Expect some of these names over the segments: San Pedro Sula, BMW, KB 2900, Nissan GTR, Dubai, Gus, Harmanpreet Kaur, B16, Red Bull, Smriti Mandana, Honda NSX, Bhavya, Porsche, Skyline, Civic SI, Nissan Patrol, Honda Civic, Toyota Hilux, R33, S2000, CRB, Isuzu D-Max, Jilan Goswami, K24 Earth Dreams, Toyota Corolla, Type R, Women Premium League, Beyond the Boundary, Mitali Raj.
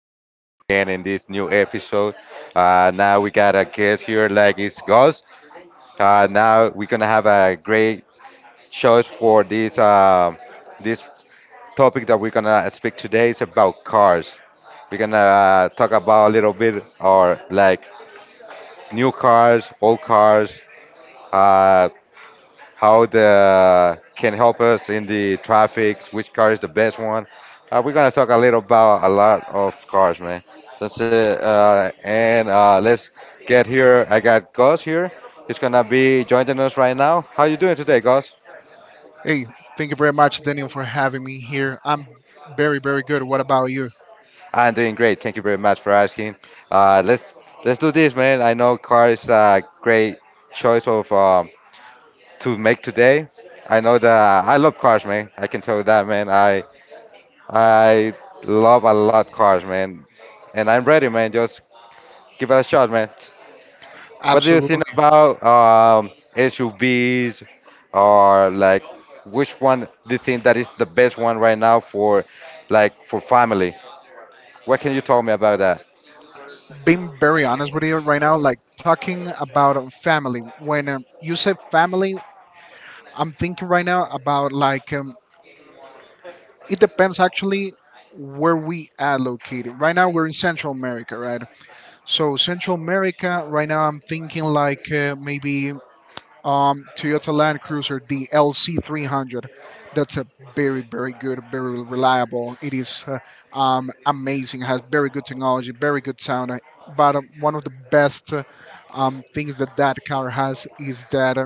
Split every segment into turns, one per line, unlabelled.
joining us again in this new episode. Now we got a guest here, like it's Gus. Now we're gonna have a great choice for this topic that we're gonna speak today is about cars. We're gonna talk about a little bit or like new cars, old cars, uh, how the can help us in the traffic, which car is the best one. We're gonna talk a little about a lot of cars, man. That's it. And Let's get here. I got Gus here. He's gonna be joining us right now. How you doing today, Gus?
Hey, thank you very much, Daniel, for having me here. I'm very, very good. What about you?
I'm doing great. Thank you very much for asking. Uh, let's let's do this, man. I know car is a great choice of to make today. I know that I love cars, man. I can tell you that, man. I love a lot cars, man, and I'm ready, man. Just give it a shot, man. What do you think
Absolutely.
about SUVs, or like which one do you think that is the best one right now for, like, for family? What can you tell me about that?
Being very honest with you right now, like talking about family. When you say family, I'm thinking right now about like it depends actually where we are located. Right now, we're in Central America, right? So Central America, right now, I'm thinking like maybe Toyota Land Cruiser DLC 300. That's a very, very good, very reliable. It is amazing. Has very good technology, very good sound. But one of the best things that that car has is that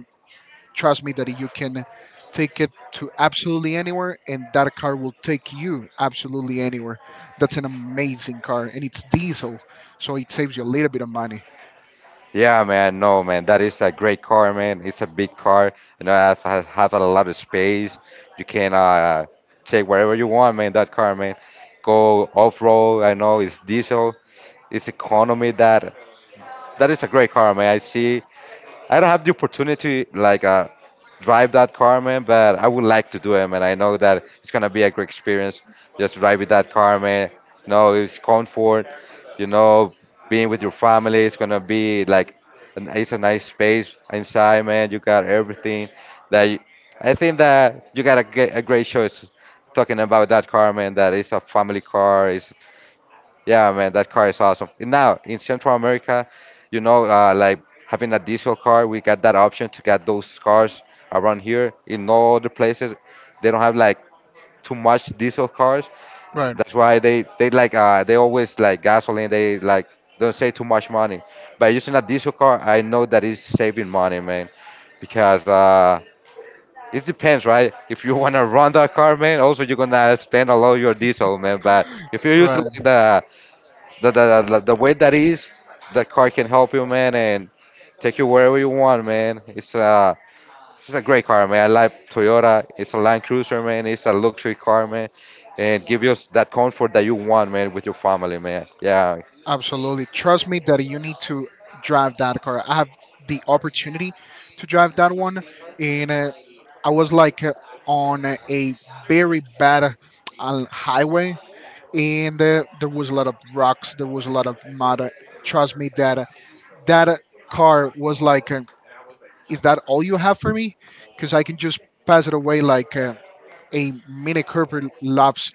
trust me that you can take it to absolutely anywhere, and that car will take you absolutely anywhere. That's an amazing car, and it's diesel, so it saves you a little bit of money.
Yeah, man. No, man. That is a great car, man. It's a big car. You know, I have a lot of space. You can take wherever you want, man. That car, man. Go off road. I know it's diesel, it's economy that that is a great car, man. I see. I don't have the opportunity like drive that car, man, but I would like to do it, man. I know that it's gonna be a great experience just driving that car, man. You know, it's comfort. You know, being with your family, it's gonna be like it's a nice space inside, man. You got everything that I think that you got a, a great choice talking about that car, man. That is a family car. It's yeah, man, that car is awesome. Now in Central America, you know, like having a diesel car, we got that option to get those cars around here. In all other places, they don't have like too much diesel cars.
Right.
That's why they like they always like gasoline. They like don't say too much money. By using a diesel car, I know that it's saving money, man, because. It depends, right? If you wanna run that car, man, also you're gonna spend a lot of your diesel, man. But if you use
Right.
like the way that is, the car can help you, man, and take you wherever you want, man. It's a great car, man. I like Toyota. It's a Land Cruiser, man. It's a luxury car, man, and give you that comfort that you want, man, with your family, man. Yeah,
Absolutely. Trust me that you need to drive that car. I have the opportunity to drive that one, and I was like on a very bad highway, and there was a lot of rocks, there was a lot of mud. Trust me that that car was like, is that all you have for me? Because I can just pass it away like a Mini Cooper loves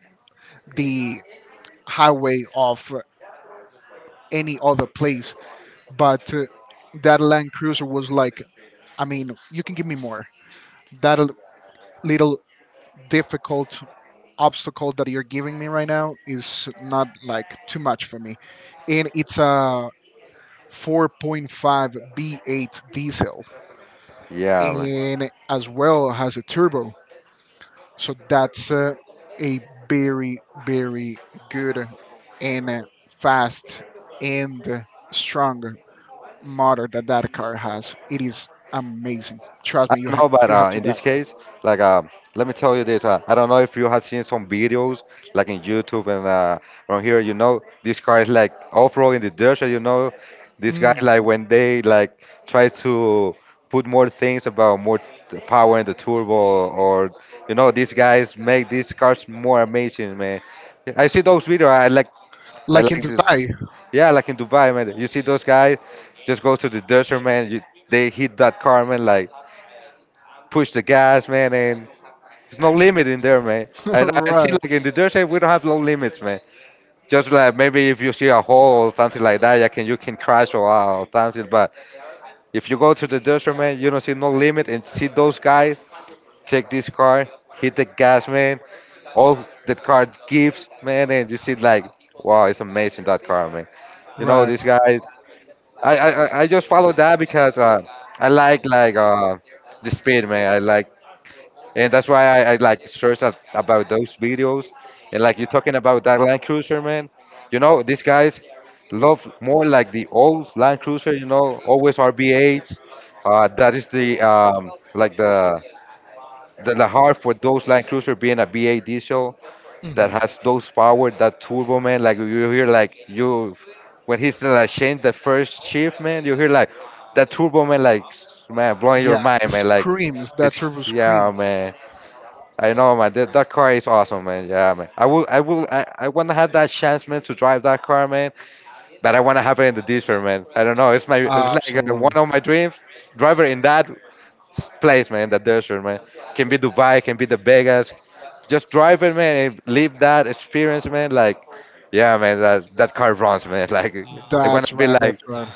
the highway of any other place. But that Land Cruiser was like, I mean, you can give me more. That little difficult obstacle that you're giving me right now is not like too much for me. And it's a 4.5 V8 diesel
yeah, man.
and as well has a turbo. So that's a very, very good and fast and strong motor that that car has. It is amazing. Trust
I
me,
don't know, but
you have to
in
drive
this
it.
case, like, uh, let me tell you this. I don't know if you have seen some videos, like in YouTube and around here. You know, this car is like off-road in the desert. You know, these guys
Mm,
like when they like try to put more things about more power in the turbo, or you know, these guys make these cars more amazing, man. I see those videos. I
like in
like to,
Dubai,
yeah, like in Dubai, man. You see those guys just go to the desert, man. You, they hit that car, man, like push the gas, man, and there's no limit in there, man. I see
right?
like in the dirt track, we don't have no limits, man. Just like maybe if you see a hole or something like that, you can crash or something. But if you go to the dirt track, man, you don't see no limit and see those guys take this car, hit the gas, man. All that car gives, man, and you see like, wow, it's amazing that car, man. You know
Right.
these guys. I just follow that because I like the speed, man. I like and that's why I like searched up about those videos, and like you're talking about that Land Cruiser, man. You know these guys love more like the old Land Cruiser. You know, always rb that that is the like the heart for those Land Cruiser being a V8 diesel that
Hmm.
has those power, that turbo, man. Like you hear like you when he's like change the first shift, man. You hear like that turbo, man, like man blowing your
Yeah,
mind,
it
man. Like
screams, that
it's
turbo
yeah,
screams.
man. I know, man. That car is awesome, man. Yeah, man. I want to have that chance, man, to drive that car, man. But I want to have it in the desert, man. I don't know. It's my, it's like one
Absolutely.
of my dreams. Driver in that place, man, in the desert, man. Can be Dubai, can be the Vegas. Just drive it, man, and live that experience, man. Like, yeah, man. That that car runs, man. Like, I want
That's
to be
right.
like
That's right.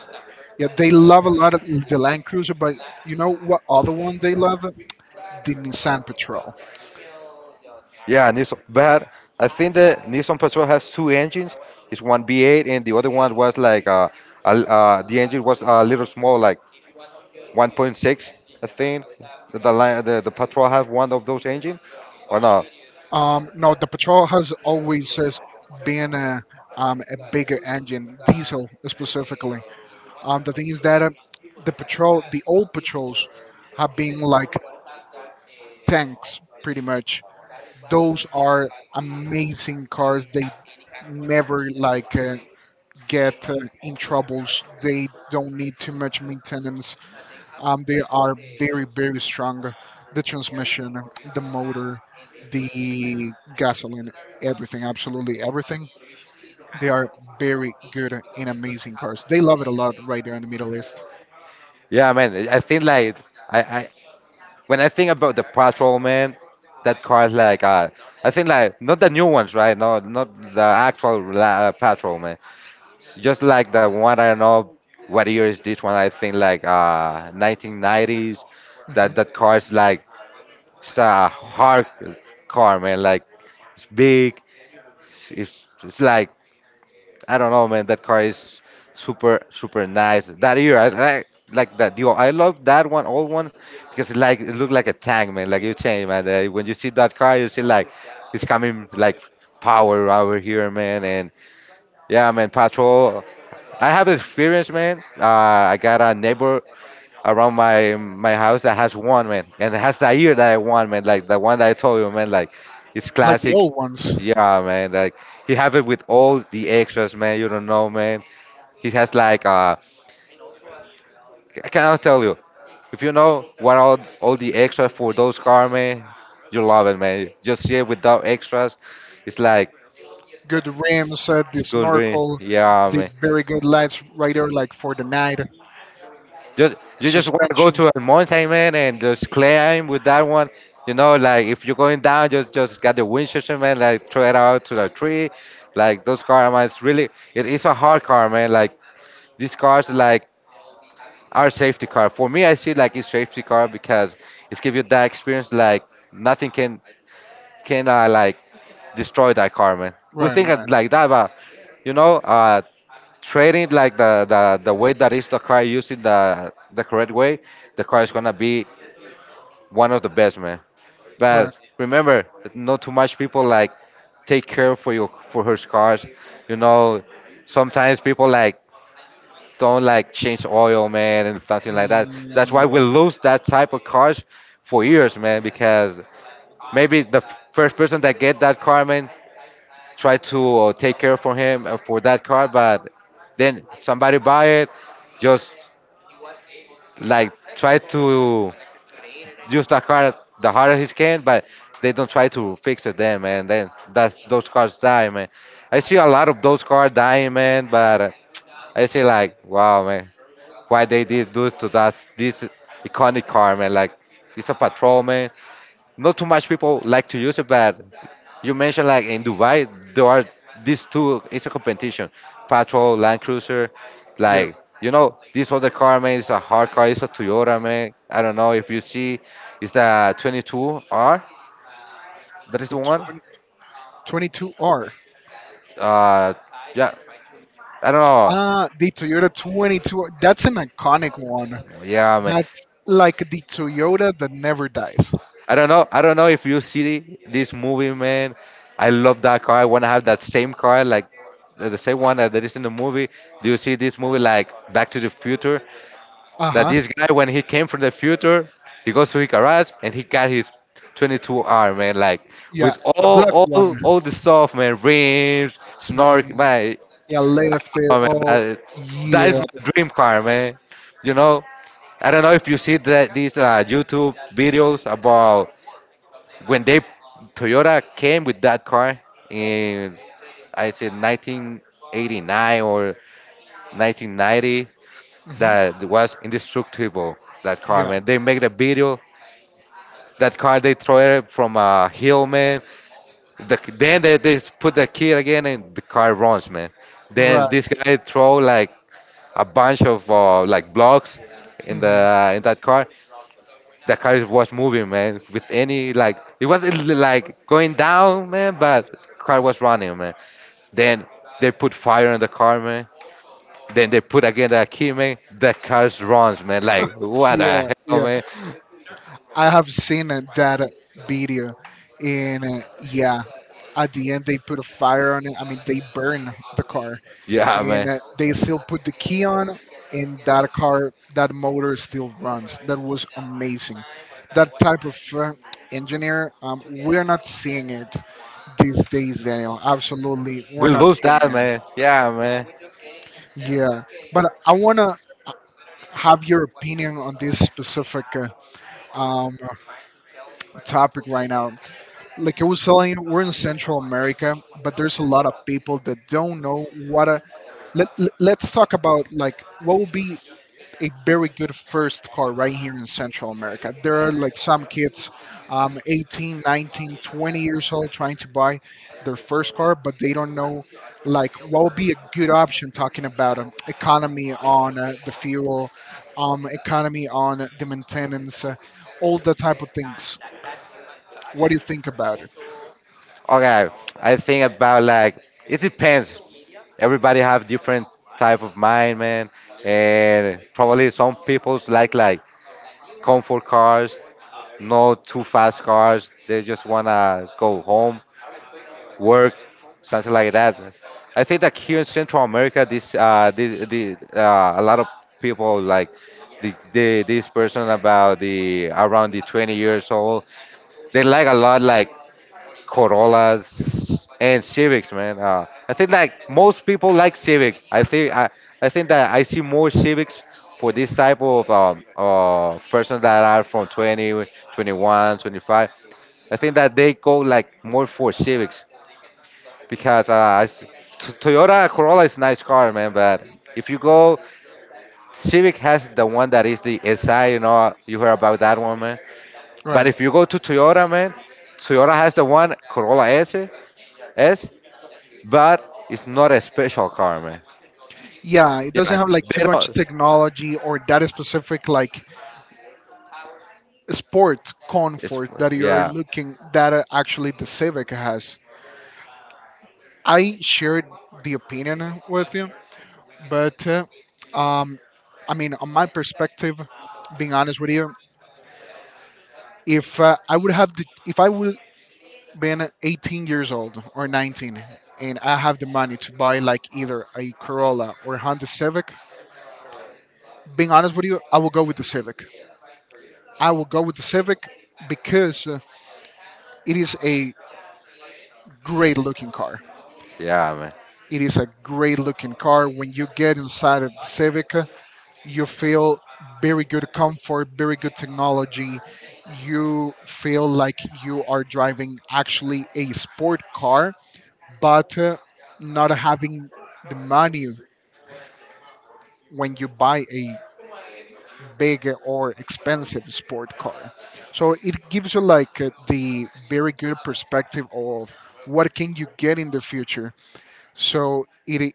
Yeah, they love a lot of the Land Cruiser, but you know what other one they love? The Nissan Patrol.
yeah, Nissan. But I think the Nissan Patrol has two engines. It's one V8 and the other one was like a the engine was a little small, like 1.6. I think the Patrol has one of those engines, or no?
No, the Patrol has always says been a a bigger engine, diesel specifically. The thing is that the Patrol, the old Patrols, have been like tanks pretty much. Those are amazing cars. They never like get in troubles. They don't need too much maintenance. They are very very strong. The transmission, the motor, the gasoline, everything, absolutely everything. They are very good and amazing cars. They love it a lot right there in the Middle East.
Yeah, man. I think like I when I think about the Patrol, man, that car is like I think like not the new ones, right? No, not the actual Patrol, just like the one I don't know what year is this one. I think like 1990s.
Hmm.
That that car is like it's a hard car, man. Like it's big. It's like I don't know, man. That car is super super nice. That year I like that. Yo, I love that one, old one, because it like it looked like a tank, man. Like you change, man. When you see that car, you see like it's coming like power over here, man, and yeah, man, patrol. I have experience, man. I got a neighbor around my house that has one, man, and it has the ear that I want, man. Like the one that I told you, man. Like it's
Like the
classic.
old ones.
Yeah, man. Like he have it with all the extras, man. You don't know, man. He has like I cannot tell you. If you know what all the extras for those car, man, you love it, man. Just see it without extras. It's like
Good rims, the
it's good, really.
snorkel,
Yeah,
the
man.
very good lights right there, like for the night,
Just you just want to go
suspension.
to a mountain, man, and just climb with that one. You know, like if you're going down, just get the Winchester, man, like throw it out to the tree. Like those cars, man, it's really it is a hard car, man. Like these cars, like are safety car. For me, I see like it's safety car because it's give you that experience. Like nothing can like destroy that car, man. We
Right,
think of
right,
like that, but you know, trading like the way that is the car using the correct way, the car is gonna be one of the best, man.
right.
But remember, not too much people like take care for your for her cars. You know, sometimes people like don't like change oil, man, and something like that. That's
Mm,
why we
yeah,
lose that type of cars for years, man, because maybe the first person that get that car, man, try to take care for him for that car, but then somebody buy it just like try to use the car the hardest he can, but they don't try to fix it then, man. Then that's those cars die, man. I see a lot of those cars dying, man. But I see like, wow, man, why they did do to us this iconic car, man? Like it's a patrol, man not too much people like to use it, but you mentioned like in Dubai there are these two. It's a competition, Patrol, Land Cruiser,
yeah.
like you know this other car man is a hard car. It's a Toyota man. I don't know if you see, it's the 22R. That is
The
the one.
22R.
Uh, yeah, I don't
Ah, the Toyota 22. That's an iconic one.
know. Yeah, man.
That's like the Toyota that never dies.
I don't know. I don't know if you see this movie, man. I love that car. I want to have that same car, like the same one that is in the movie. Do you see this movie, like Back to the Future?
Uh
That
huh.
this guy, when he came from the future, he goes to his garage and he got his 22R, man. Like
Yeah,
with
the black one.
all the stuff, man. Rims, snork,
Mm,
man.
yeah, left
Oh
it
man,
all.
that
Yeah.
is my dream car, man. You know. I don't know if you see that these YouTube videos about when they Toyota came with that car in I said 1989 or 1990,
Hmm.
that was indestructible. That car,
Yeah.
man, they make the video. That car, they throw it from a hill, man. Then they put the kid again and the car runs, man. Then
Right.
this guy throw like a bunch of like blocks in
Hmm.
the in that car. The car was moving, man. With any like, it was like going down, man. But car was running, man. Then they put fire on the car, man. Then they put again the key, man. The car runs, man. Like what
Yeah.
the hell,
Yeah.
man?
I have that video, and yeah, at the end they put a fire on it. I mean, they burn the car,
Yeah,
and
man.
they still put the key on, and that car, that motor still runs. That was amazing. That type of uh, engineer, we're not seeing it these days, Daniel. Absolutely,
We
we're not
lose
seeing
that,
it.
man. Yeah, man.
Yeah, but I wanna uh, have your opinion on this specific um, topic right now. Like I was telling you, we're in Central America, but there's a lot of people that don't know what a. Let's talk about like what would be a very good first car right here in Central America. There are like some kids, 18, 19, 20 years old, trying to buy their first car, but they don't know like what would be a good option talking about economy on the fuel, economy on the maintenance, all that type of things. What do you think about it?
Okay, I think about like it depends. Everybody have different type of mind, man, and probably some people's like comfort cars, no too fast cars. They just wanna go home, work, something like that. I think that here in Central America, this this, the a lot of people like the this person about the around the 20 years old. They like a lot like Corollas and Civics, man. I think like most people like Civic. I think that I see more Civics for this type of person that are from 20, 21, 25. I think that they go like more for Civics because I s t Toyota Corolla is nice car, man. But if you go, Civic has the one that is the SI. You know, you heard about that one, man. But
Right.
if you go to Toyota, man, Toyota has the one Corolla S, S, but it's not a special car, man.
Yeah, it
Yeah,
doesn't have like too
they
much
don't.
technology or that specific like sport
It's
comfort that you're
yeah,
looking that actually the Civic has. I shared the opinion with you, but um, I mean, on my perspective, being honest with you, if I would have the, if I would been 18 years old or 19, and I have the money to buy like either a Corolla or Honda Civic, being honest with you, I will go with the Civic. I will go with the Civic, because it is a great looking car.
yeah, man.
It is a great looking car. When you get inside of the Civic, you feel very good comfort, very good technology. You feel like you are driving actually a sport car, but not having the money when you buy a big or expensive sport car. So it gives you like the very good perspective of what can you get in the future. So it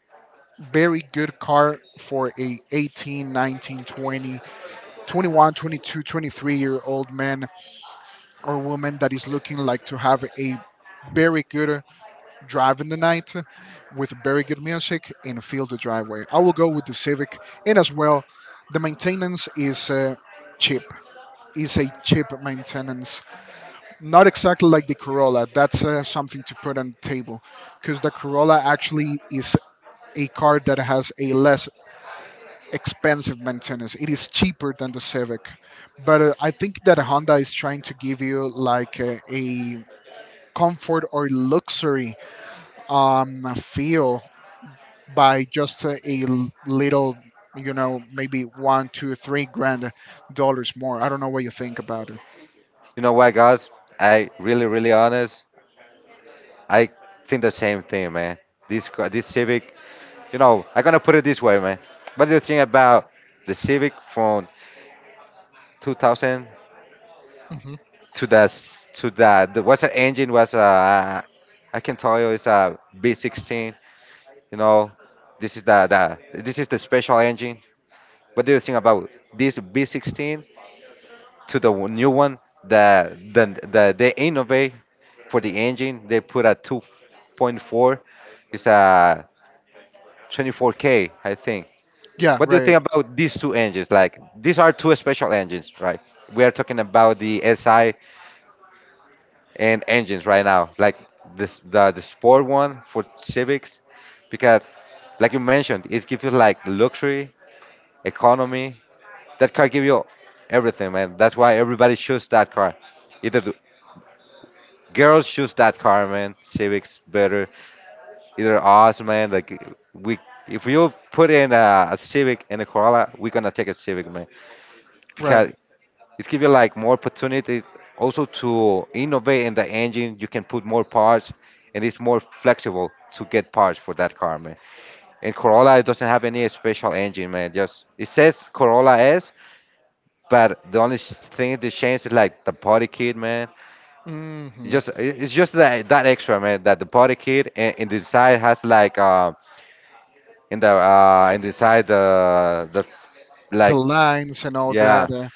very good car for a 18, 19, 20, 21, 22, 23-year-old man or woman that is looking like to have a very good drive in the night with very good music and fill the driveway. I will go with the Civic, and as well the maintenance is cheap. It's a cheap maintenance, not exactly like the Corolla. That's something to put on the table, because the Corolla actually is a car that has a less expensive maintenance. It is cheaper than the Civic, but I think that Honda is trying to give you like a comfort or luxury feel by just a little, maybe one, two, 3 grand dollars more. I don't know what you think about it.
You know what, guys? I really, really honest. I think the same thing, man. This Civic, you know, I'm gonna put it this way, man. What do you think about the Civic from 2000
Hmm.
to the s- to the what's the engine was I can tell you it's a V16. You know, this is the this is the special engine. What do you think about this V16 to the new one? The the, they innovate for the engine. They put a 2.4. It's a 24K, I think.
Yeah,
What do you
right,
think about these two engines? Like these are two special engines, right? We are talking about the SI and engines right now, like this the sport one for Civics, because like you mentioned, it gives you like luxury economy. That car give you everything, man. That's why everybody choose that car. Either the girls choose that car, man. Civics better. Either us, man. Like we, if you put in a Civic and a Corolla, we're gonna take a Civic, man,
right.
because it's give you like more opportunity also to innovate in the engine. You can put more parts, and it's more flexible to get parts for that car, man. And Corolla it doesn't have any special engine, man. Just it says Corolla S. But the only thing that changed is like the party kid, man. It's
hmm
just it's just that extra, man. That the party kid in the side has like in the side the
The
like
lines and all
yeah.
that.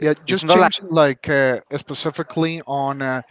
Yeah,
It's
just
not like
change like specifically on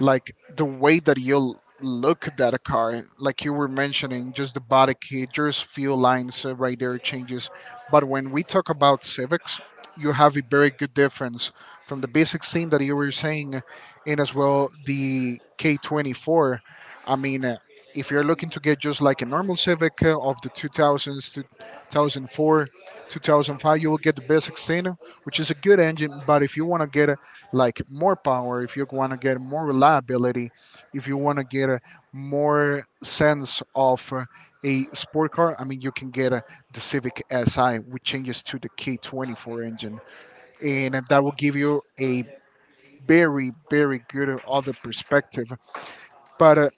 like the way that you look at that car, like you were mentioning, just the body kit, just few lines right there changes. But when we talk about Civics, you have a very good difference from the basic thing that you were saying. And as well the K24, I mean, if you're looking to get just like a normal Civic of the 2000s, 2004, 2005, you will get the basic thing, which is a good engine. But if you want to get like more power, if you want to get more reliability, if you want to get a more sense of a sport car, I mean, you can get the Civic SI, which changes to the K24 engine, and that will give you a very, very good other perspective. But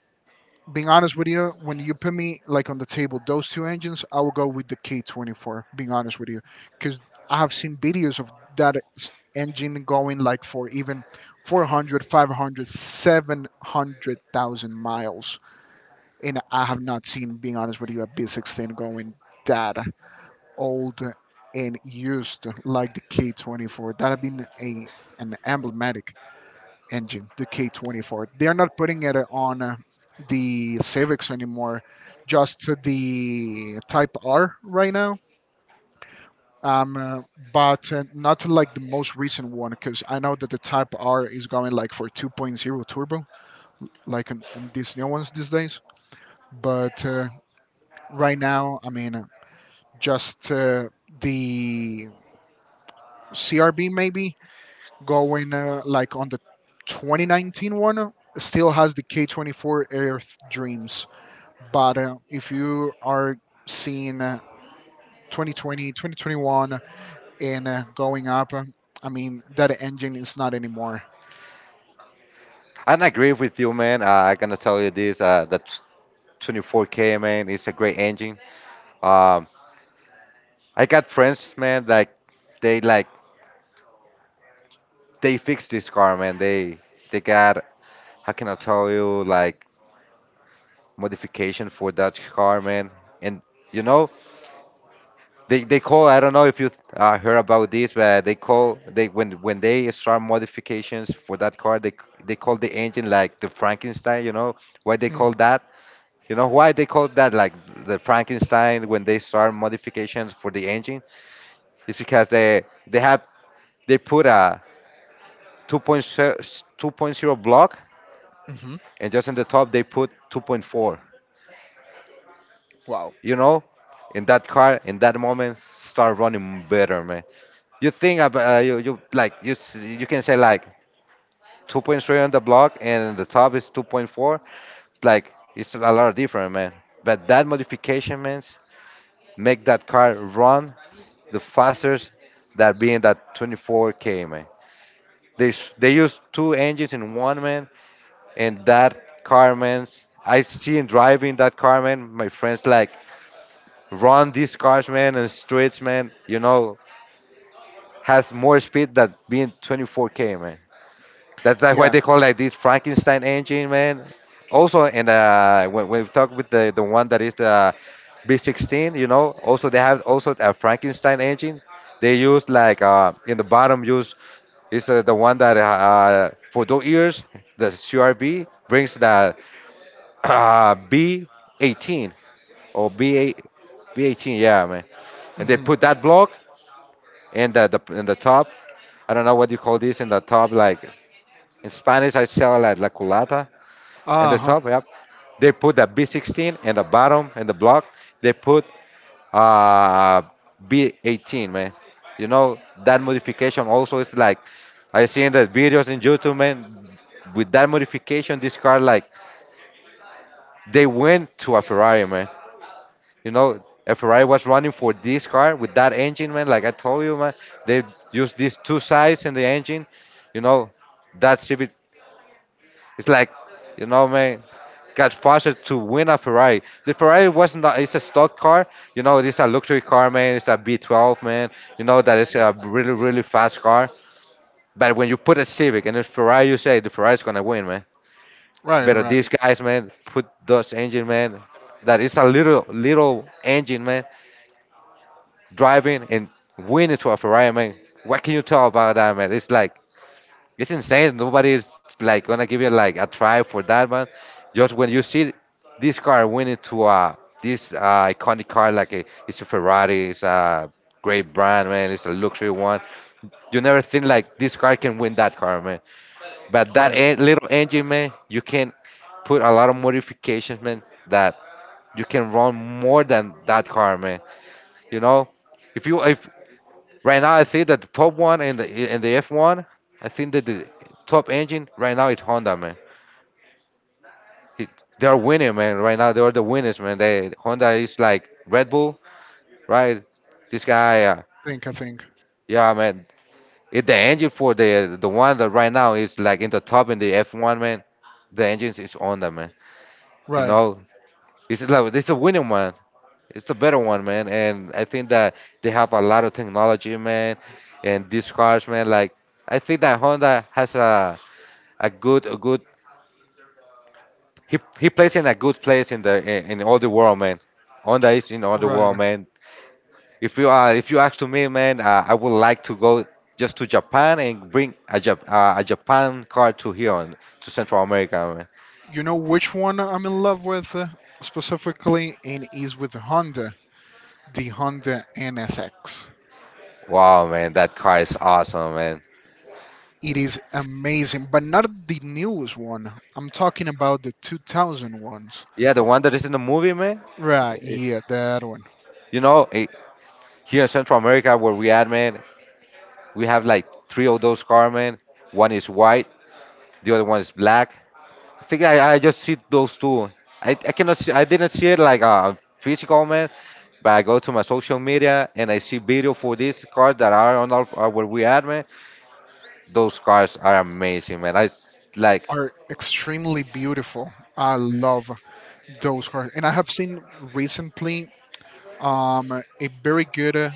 being honest with you, when you put me like on the table, those two engines, I will go with the K24. Being honest with you, because I have seen videos of that engine going like for even 400, 500, 700,000 miles, and I have not seen, being honest with you, a B16 going that old and used like the K24. That have been a an emblematic engine, the K24. They're not putting it on the Civics anymore, just the Type R right now. Um, uh, but not like the most recent one, because I know that the Type R is going like for 2.0 turbo, like in these new ones these days. But right now, I mean, just the CRB maybe going like on the 2019 one still has the K24 Earth Dreams. But if you are seeing 2020, 2021, and going up, I mean, that engine is not anymore.
I don't agree with you, man. I gonna tell you this. 24K, man, it's a great engine. Um, I got friends, man. Like they fixed this car, man. They got how can I tell you like modification for that car, man. And you know they call, I don't know if you heard about this, but they call they when they start modifications for that car, they call the engine like the Frankenstein. You know why they call that? You know why they call that like the Frankenstein when they start modifications for the engine? It's because they have they put a 2.0 block,
Mm-hmm.
and just in the top they put 2.4.
Wow.
You know, in that car in that moment start running better. You think about you like you can say like 2.3 on the block and the top is 2.4. Like it's a lot different, man, but that modification, man, make that car run the fastest. That being that 24K, man, they use two engines in one, man. And that car, man, I seen driving that car, man. My friends like run these cars, man, and streets, man. You know, has more speed than being 24K, man. That's like why
Yeah.
they call like this Frankenstein engine, man. Also, and when we talk with the one that is the B16, you know, also they have also a Frankenstein engine. They use like in the bottom use is the one that for those years the CRB brings the B18 or B8 B18, yeah, man. And they
Mm-hmm.
put that block in the in the top. I don't know what you call this in the top, like in Spanish I sell like la culata and
Uh
the
huh.
top. Yep. They put a B16 in the bottom in the block. They put uh, B18, man. You know that modification also is like I seen the videos in YouTube, man. With that modification, this car like they went to a Ferrari, man. You know, a Ferrari was running for this car with that engine, man. Like I told you, man, they used these two sides in the engine. You know, that Civic it's like, you know, man, got faster to win a Ferrari. The Ferrari was not, it's a stock car. You know, it's a luxury car, man. It's a B12, man. You know that it's a really, really fast car. But when you put a Civic and a Ferrari, you say the Ferrari's gonna win, man.
Right,
But
right,
these guys, man, put those engine, man. That is a little, little engine, man, driving and winning to a Ferrari, man. What can you tell about that, man? It's like it's insane. Nobody's like gonna give you like a try for that one. Just when you see this car winning to this iconic car like a, it's a Ferrari, it's a great brand, man. It's a luxury one. You never think like this car can win that car, man. But that
right.
little engine, man, you can put a lot of modifications, man. That you can run more than that car, man. You know, if you if right now, I think that the top one in the F1, I think that the top engine right now is Honda, man. It, they're winning, man. Right now, they're the winners, man. They Honda is like Red Bull, right? This guy,
I think.
yeah, man. It, the engine for the one that right now is like in the top in the F1, man. The engines is Honda, man. You
Right,
know, it's like it's a winning one. It's a better one, man. And I think that they have a lot of technology, man. And these cars, man, like I think that Honda has a good he plays in a good place in in all the world, man. Honda is in all the
right.
world, man. If you ask to me, man, I would like to go just to Japan and bring a, a Japan car to here on to Central America, man.
You know which one I'm in love with specifically? And is with Honda, the Honda NSX.
Wow, man, that car is awesome, man.
It is amazing, but not the newest one. I'm talking about the 2000 ones.
Yeah, the one that is in the movie, man.
Right,
Eh,
yeah, that one.
you know, here in Central America where we at, man, we have like three of those car, man. One is white, the other one is black. I just see those two. I cannot see, I didn't see it like a physical, man, but I go to my social media and I see video for these cars that are on our, where we at, man. Those cars are amazing, man. Like,
Are extremely beautiful. I love those cards, and I have seen recently a very good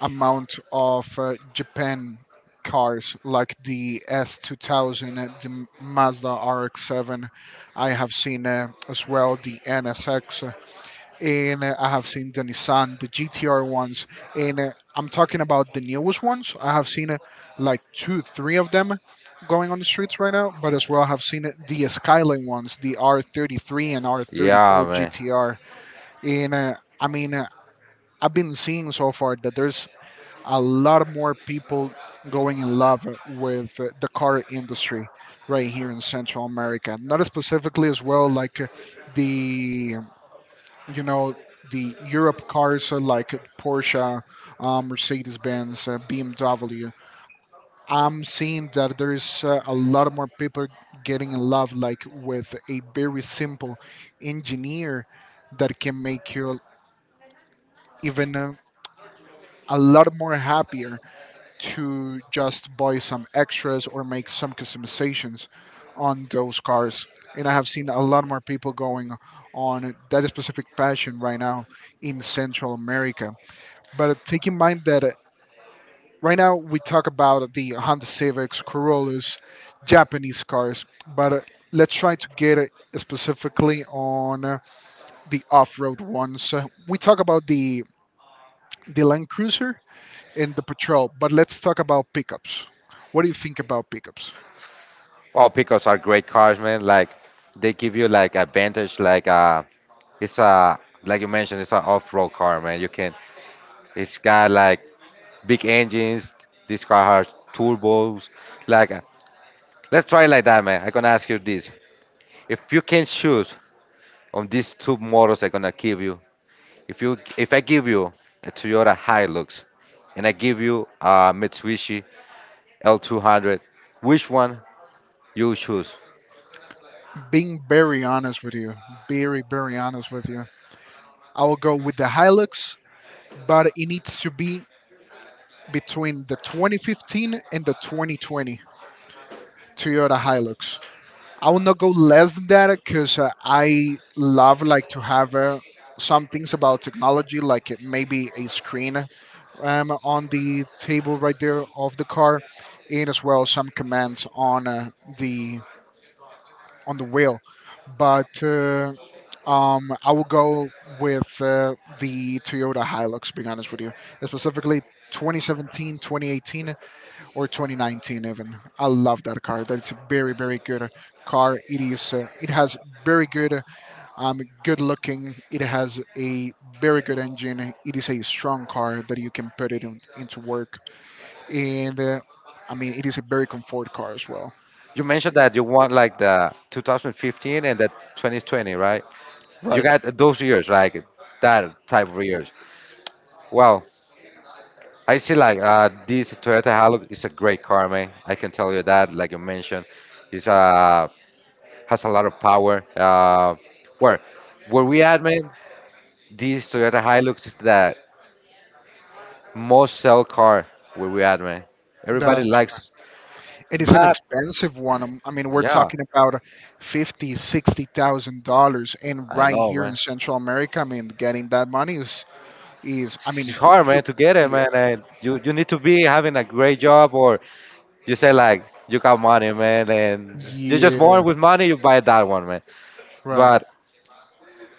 amount of Japan cars, like the S2000, the Mazda RX-7. I have seen as well the NSX, and I have seen the Nissan, the GTR ones, and I'm talking about the newest ones. I have seen like two, three of them going on the streets right now, but as well I have seen the Skyline ones, the R33 and
yeah,
R34
man.
GTR, and I mean I've been seeing so far that there's a lot more people going in love with the car industry right here in Central America, not specifically as well like the you know the Europe cars are like Porsche, Mercedes Benz, BMW. I'm seeing that there is a lot more people getting in love like with a very simple engineer that can make you even a lot more happier to just buy some extras or make some customizations on those cars. And I have seen a lot more people going on that specific passion right now in Central America. But take in mind that right now we talk about the Honda Civics, Corollas, Japanese cars, but let's try to get specifically on the off-road ones. We talk about the Land Cruiser and the Patrol, but let's talk about pickups. What do you think about pickups?
Well, pickups are great cars, man. Like they give you like advantage, like it's a like you mentioned, it's an off-road car, man. You can, it's got like big engines. This car has turbos. Like, let's try it like that, man. I'm gonna ask you this. If you can choose on these two models I'm gonna give you if I give you a Toyota Hilux and I give you a Mitsubishi L200, which one you choose?
Being very honest with you, very honest with you, I will go with the Hilux, but it needs to be between the 2015 and the 2020 Toyota Hilux. I will not go less than that because I love like to have some things about technology, like it maybe a screen on the table right there of the car, and as well some commands on the on the wheel. But I will go with the Toyota Hilux. Being honest with you, specifically 2017, 2018, or 2019 even. I love that car. That's a very good car. It has very good good looking. It has a very good engine. It is a strong car that you can into work, and I mean, it is a very comfort car as well.
You mentioned that you want like the 2015 and the 2020, right? You
Right.
got those years, like that type of years. Well, I see like this Toyota Hilux is a great car, man. I can tell you that, like you mentioned, it's a has a lot of power. Where where we at, man? This Toyota Hilux is that most sell car where we at, man. Everybody
That's right.
likes.
It is an
But
expensive one. I mean, we're
yeah,
talking about fifty, $60,000, and
I
right
know,
here in
man.
Central America, I mean, getting that money is. I
It's
mean,
hard,
you.
man, to get it,
Yeah.
man. And you need to be having a great job, or you say like you got money, man, and you're just born
Yeah,
with money. You buy that one, man.
right.
But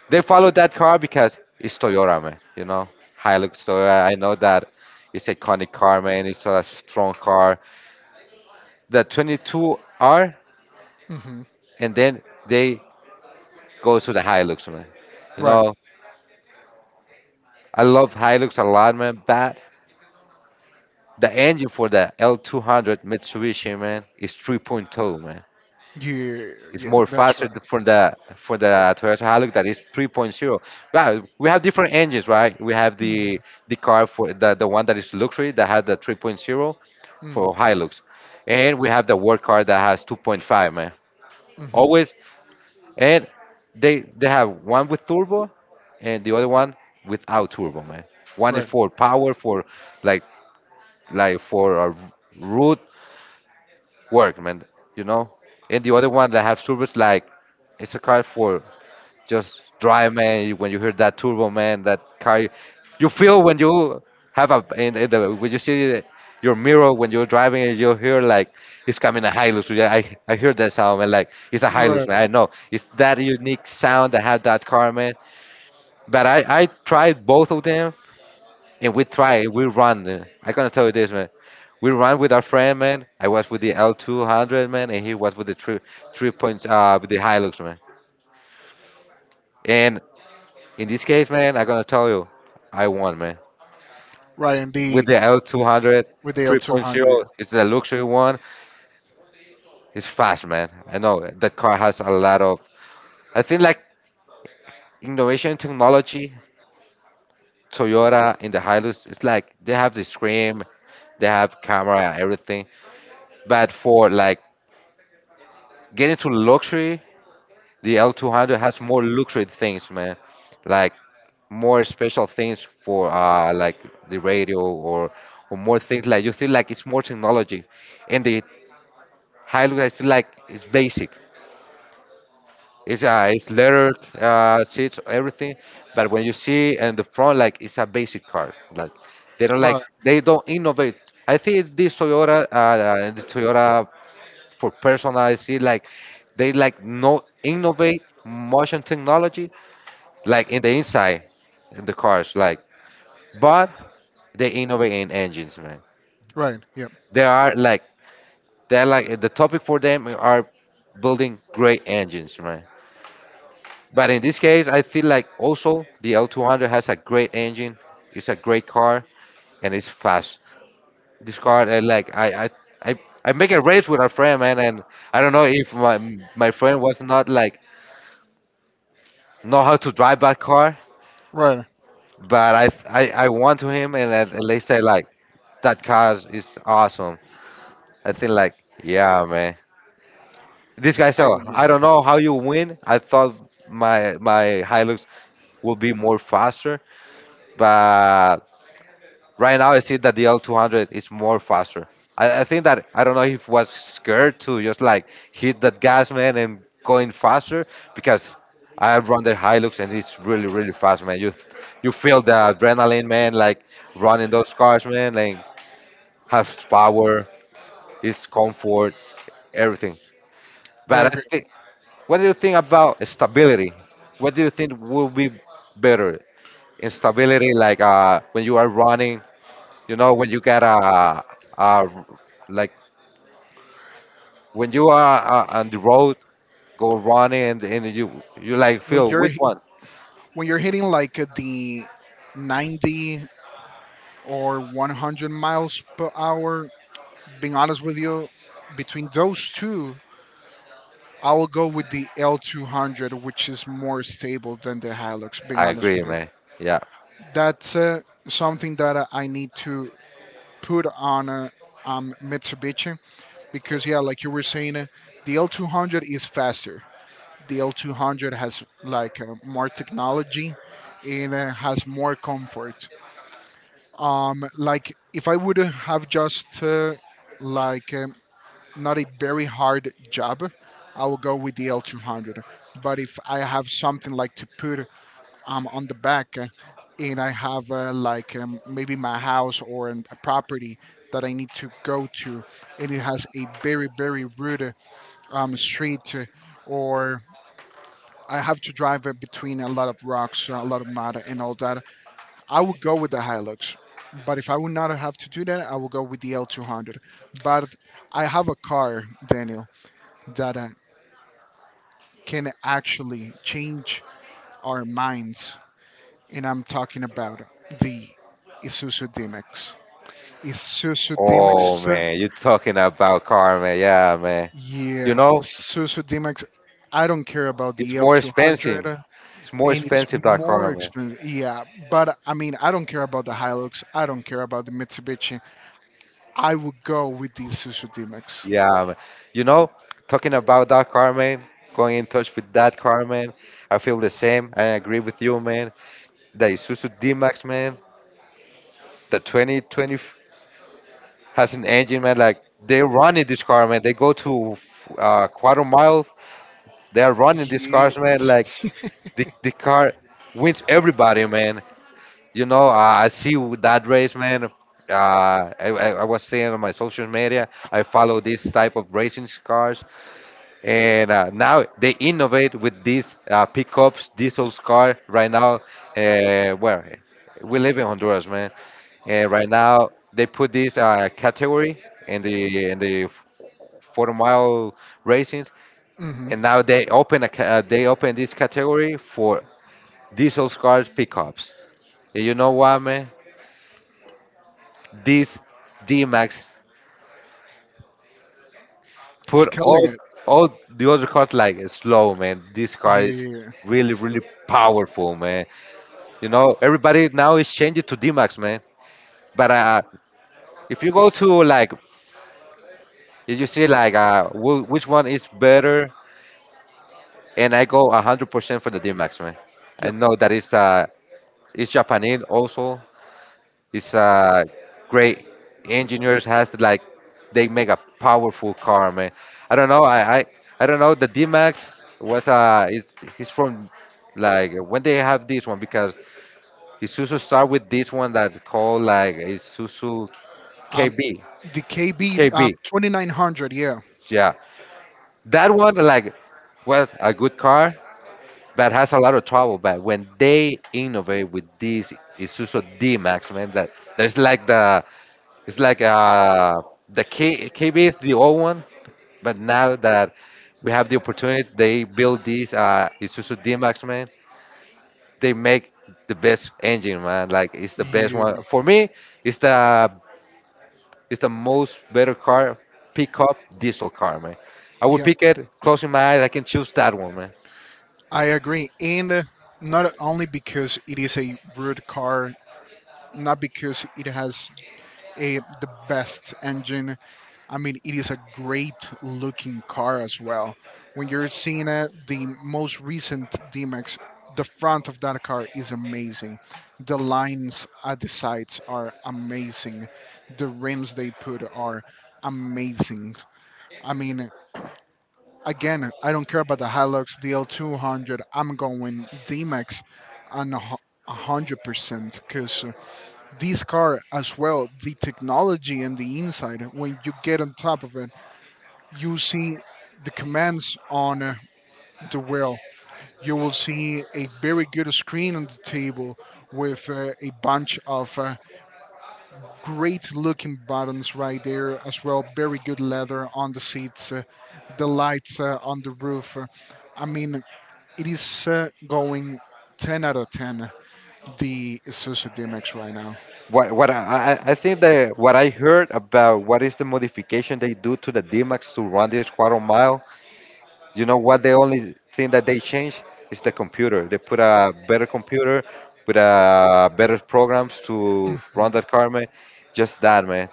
they follow that car because it's Toyota, man. You know, Hilux Toyota. I know that it's iconic car, man. It's a strong car. The 22R,
Hmm.
and then they go to the Hilux, man. You
Right.
know, I love Hilux a lot, man. But the engine for the L200 Mitsubishi, man, is 3.0, man.
Yeah,
It's
yeah,
more
that's
faster
right.
for the Toyota Hilux that is 3.0. Right, we have different engines, right? We have
Hmm.
the car for the one that is luxury that has the 3.0 for Hilux, and we have the work car that has 2.5, man.
Mm-hmm.
Always And they have one with turbo and the other one without turbo, man. One is
Right.
for power, for like like for road work, man. You know, and the other one that have turbos, like it's a car for just drive, man. When you hear that turbo, man, that car, you feel when you have a in the, when you see your mirror when you're driving and you hear like it's coming a Hilux. Yeah, I heard that sound, man, like it's a Hilux,
Right.
man. I know it's that unique sound that had that car, man. But I tried both of them, and we run, I gonna tell you this, man. We run with our friend, man. I was with the L200, man, and he was with the three three point with the Hilux, man. And in this case, man, I'm gonna tell you, I won, man.
Right.
With
Indeed,
the L200
with the L200.
3.0, it's a luxury one. It's fast, man. I know that car has a lot of. I think like innovation technology, Toyota in the Hilux, it's like they have the screen, they have camera, everything. But for like getting to luxury, the L200 has more luxury things, man. Like more special things for like the radio or more things, like you feel like it's more technology. And the Hilux is like it's basic. It's leather seats, everything, but when you see in the front, like it's a basic car. Like they don't like
Right.
they don't innovate. I think this Toyota and the Toyota, for personal, I see like they like no innovate motion technology, like in the inside in the cars, like, but they innovate in engines, man.
Right. Yep.
they are like they're like, the topic for them are building great engines, man. But in this case, I feel like also the l200 has a great engine, it's a great car, and it's fast. This car, I like. I I make a race with a friend, man, and I don't know if my friend was not like know how to drive that car.
Right.
But I won to him, and and they say like that car is awesome. I think like, yeah, man. This guy,
I
so
agree.
I don't know how you win. I thought my Hilux will be more faster, but right now I see that the L200 is more faster. I think that I don't know if was scared to just like hit that gas, man, and going faster, because I run the Hilux and it's really really fast, man. You feel the adrenaline, man. Like running those cars, man. Like has power, it's comfort. Everything.
I
But I
agree.
think, what do you think about stability? What do you think will be better in stability, like when you are running, when you get a like when you are on the road, go running, and you like
When
feel
you're
which
h-
one?
when you're hitting like the 90 or 100 miles per hour, being honest with you, between those two, I will go with the L200, which is more stable than the Hilux. Being
I
honest
agree,
with you.
man. Yeah.
That's something that I need to put on Mitsubishi because, yeah, like you were saying, the L200 is faster. The L200 has like more technology, and has more comfort. Like if I would have just like um, not a very hard job, I will go with the L200. But if I have something like to put I'm on the back, and I have maybe my house or a property that I need to go to, and it has a very rude street, or I have to drive between a lot of rocks, a lot of mud, and all that. I would go with the Hilux, but if I would not have to do that, I would go with the L200. But I have a car, Daniel, that can actually change our minds, and I'm talking about the Isuzu D-Max. Isuzu
Oh
DMX,
man, you're talking about car, man. Yeah, man. You
yeah,
know,
Isuzu D-Max. I don't care about
it's
the
more expensive.
L200, uh,
It's more
and it's
expensive that car.
more expensive. Yeah, but I mean, I don't care about the Hilux. I don't care about the Mitsubishi. I would go with the Isuzu D-Max.
Yeah, but, you know, talking about that, Carmen, going in touch with that, Carmen, I feel the same. I agree with you, man. The Isuzu D-Max, man, the 2020 has an engine, man. Like, they're running this car, man. They go to quarter mile. They're running these cars, man.
Yes.
Like, the car wins everybody, man. You know, I see with that race, man. I was saying on my social media, I follow this type of racing cars. And now they innovate with these pickups, diesel car. Right now, where we live in Honduras, man. And right now they put this category in the 40-mile racing.
Hmm.
And now they open this category for diesel cars pickups. And you know what, man? These D-Max
It's
put
killing it.
all the other cars like slow, man. This car is
Yeah.
really really powerful, man. You know, everybody now is changing to D Max, man. But if you go to like, if you see like, which one is better, and I go 100% for the D Max, man. I
Yep.
know that it's Japanese also. It's great engineers has like, they make a powerful car, man. I don't know. I don't know. The D Max was is he's from like when they have this one, because Isuzu start with this one that called like Isuzu
Um,
KB.
the KB
KB.
2900. Yeah.
Yeah, that one like was a good car, but has a lot of trouble. But when they innovate with this Isuzu D Max, man, that there's like the, it's like the KB is the old one, but now that we have the opportunity, they build this Isuzu D Max, man. They make the best engine, man. Like it's the
Yeah.
best one
Yeah.
for me. It's the It's the most better car pickup diesel car, man. I would
Yep.
pick it, closing my eyes, I can choose that one, man.
I agree, and not only because it is a rude car, not because it has a the best engine. I mean, it is a great looking car as well. When you're seeing it, the most recent DMX, the front of that car is amazing. The lines at the sides are amazing. The rims they put are amazing. I mean, again, I don't care about the Hilux DL200. I'm going DMX on 100% because this car as well, the technology and the inside. When you get on top of it, you see the commands on the wheel. You will see a very good screen on the table with a bunch of great looking buttons right there as well. Very good leather on the seats. The lights on the roof. I mean, it is going 10 out of 10, the Isuzu DMX right now.
What I think that what I heard about what is the modification they do to the D-Max to run this quarter mile, you know what the only thing that they change is the computer. They put a better computer with a better programs to run
Mm.
that car, man. Just that, man.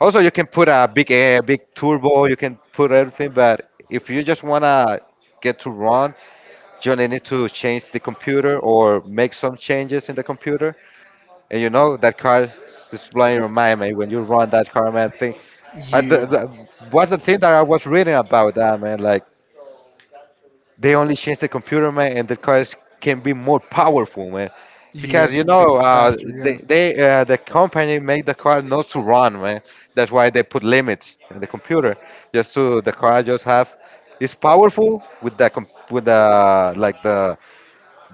Also, you can put a big turbo. You can put everything, but if you just wanna get to run, you need to change the computer or make some changes in the computer. And you know that car is blowing your mind, man. When you run that car, man, thing.
Yeah,
What's the thing that I was reading about that, man? Like they only changed the computer, man, and the cars can be more powerful, man.
yeah,
Because
it
you
can be
know,
faster, yeah.
the company made the car not to run, man. That's why they put limits in the computer, just so the car just have. It's powerful with the like the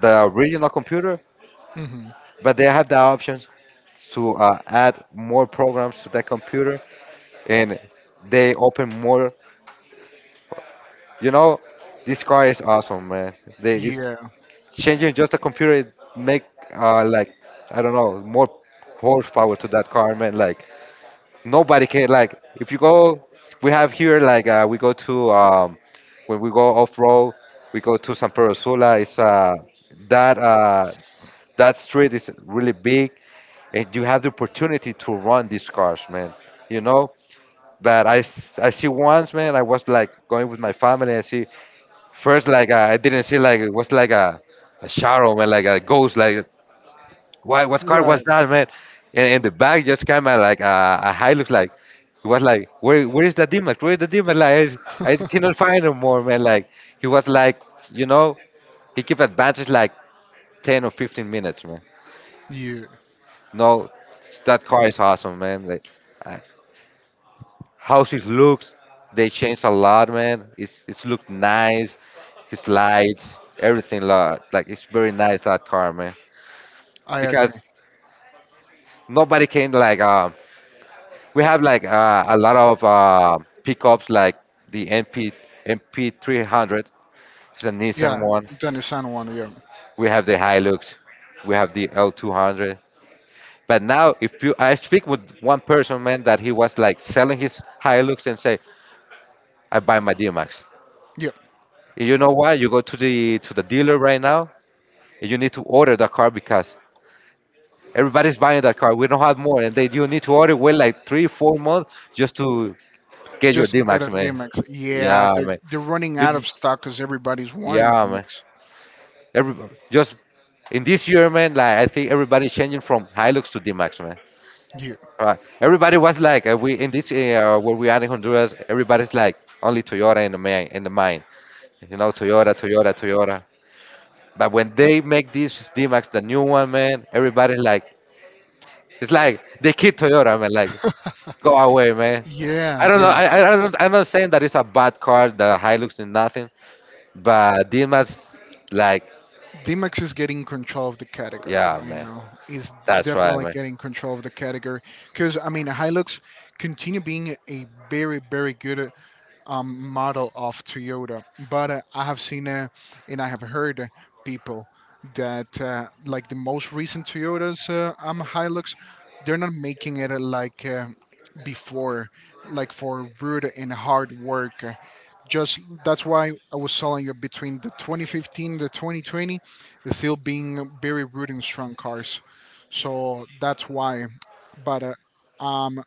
the original computer,
Hmm.
but they have the option to add more programs to that computer, and they open more. You know, this car is awesome, man. They it's
Yeah,
changing just the computer, it make like I don't know, more horsepower to that car, man. Like nobody can like if you go, we have here like we go to when we go off road, we go to San Pedro Sula. It's that that street is really big, and you have the opportunity to run these cars, man. You know, but I see once, man, I was like going with my family. I see first, like I didn't see, like it was like a shadow, man, like a ghost. Like why what car
right.
was that, man? And in the back just came out like a high look, like he was like, where is the demon? Where is the demon? Like I cannot find him more, man. Like he was like, you know he kept advances like 10 or 15 minutes, man.
Yeah,
No, that car is awesome, man. Like. I, How's it looks? They changed a lot, man. It's looked nice. His lights, everything, lot like it's very nice that car, man.
I agree.
Because nobody can like, we have like a lot of pickups like the MP 300. It's a Nissan
Yeah,
one.
Danny San one, yeah.
We have the Hilux. We have the L200. But now, if you I speak with one person, man, that he was like selling his Hilux and say, I buy my D-Max.
Yep,
You know what? You go to the dealer right now, and you need to order the car because everybody's buying that car. We don't have more, and they you need to order wait like 3, 4 months just to get your
just to get
D-Max,
a
man.
DMX. Yeah,
Yeah, man.
they're running
You,
out of stock because everybody's wanting a
yeah, man.
DMX.
Every just in this year, man. Like I think everybody's changing from Hilux to D-Max, man.
Yeah,
Uh, Everybody was like, we in this where we are in Honduras, everybody's like only Toyota in the main in the mind. You know, Toyota, Toyota, Toyota. But when they make this D-Max, the new one, man, everybody's like, it's like they kid Toyota, man. Like, go away, man. I
yeah,
don't know.
yeah.
I'm not saying that it's a bad car, the Hilux and nothing, but Dima's like,
DMX is getting control of the category
yeah,
right
man.
now. Is
That's right,
definitely
man.
getting control of the category because I mean, Hilux continue being a very, very good model of Toyota, but I have seen and I have heard people that like the most recent Toyotas Hilux, they're not making it before, like for rude and hard work. Just that's why I was telling you between the 2015 the 2020, it's still being very rude and strong cars. So that's why. But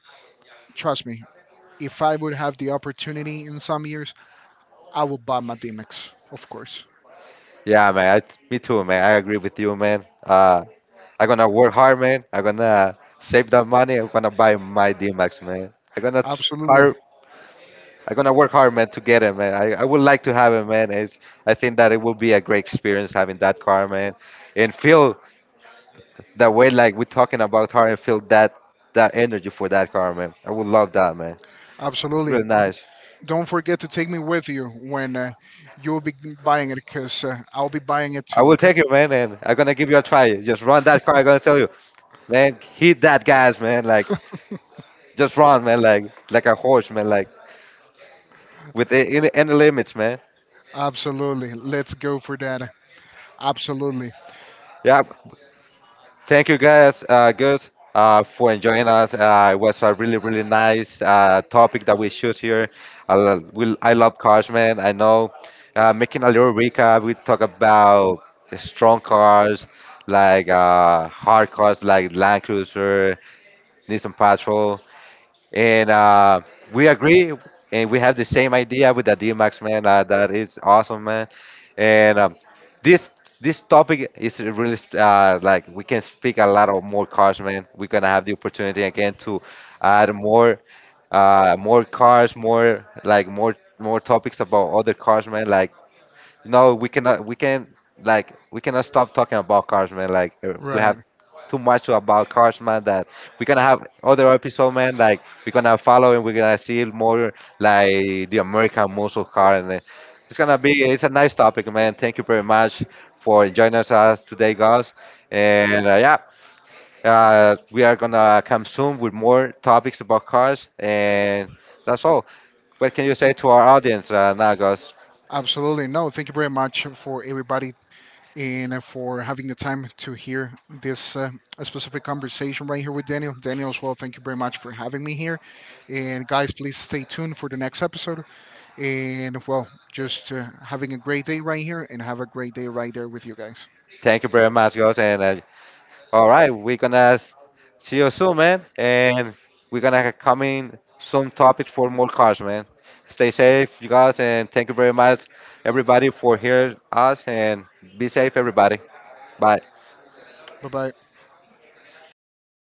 Trust me, if I would have the opportunity in some years, I will buy my DMX, of course.
Yeah, man. Me too, man. I agree with you, man. I'm gonna work hard, man. I'm gonna save that money. I'm gonna buy my D-Max, man. I'm gonna
Absolutely.
hard. I'm gonna work hard, man, to get it, man. I would like to have it, man. I think that it will be a great experience having that car, man, and feel that way like we're talking about her and feel that energy for that car, man. I would love that, man. It's really
Absolutely.
nice.
Don't forget to take me with you when you'll be buying it because I'll be buying it
I
too,
will
okay?
take it, man, and I'm gonna give you a try. Just run that car. I'm gonna tell you, man. Hit that gas, man. Like just run, man. like a horse, man. Like with any limits, man.
Absolutely. Let's go for that. Absolutely.
Yeah, thank you guys, Gus, for enjoying us. It was a really, really nice topic that we choose here. I love cars, man. I know. Making a little recap, we talk about the strong cars, like hard cars like Land Cruiser, Nissan Patrol, and we agree and we have the same idea with the D-Max man. That is awesome, man. And um, this this topic is really like we can speak a lot of more cars, man. We're gonna have the opportunity again to add more more cars, more like more topics about other cars, man. Like no, we cannot. We can like we cannot stop talking about cars, man. Like we have
Right.
too much to about cars, man. That we're gonna have other episode, man. Like we're gonna follow and we're gonna see more like the American muscle car, and then it's gonna be. It's a nice topic, man. Thank you very much for joining us today, guys. And yeah, we are gonna come soon with more topics about cars, and that's all. What can you say to our audience now, guys?
Absolutely. No, thank you very much for everybody and for having the time to hear this specific conversation right here with Daniel. Daniel, as well, thank you very much for having me here. And guys, please stay tuned for the next episode. And well, just having a great day right here and have a great day right there with you guys.
Thank you very much, guys, and. All right, we're gonna see you soon, man, and we're gonna come in some topics for more cars, man. Stay safe, you guys, and thank you very much, everybody, for hearing us, and be safe, everybody. Bye.
Bye bye.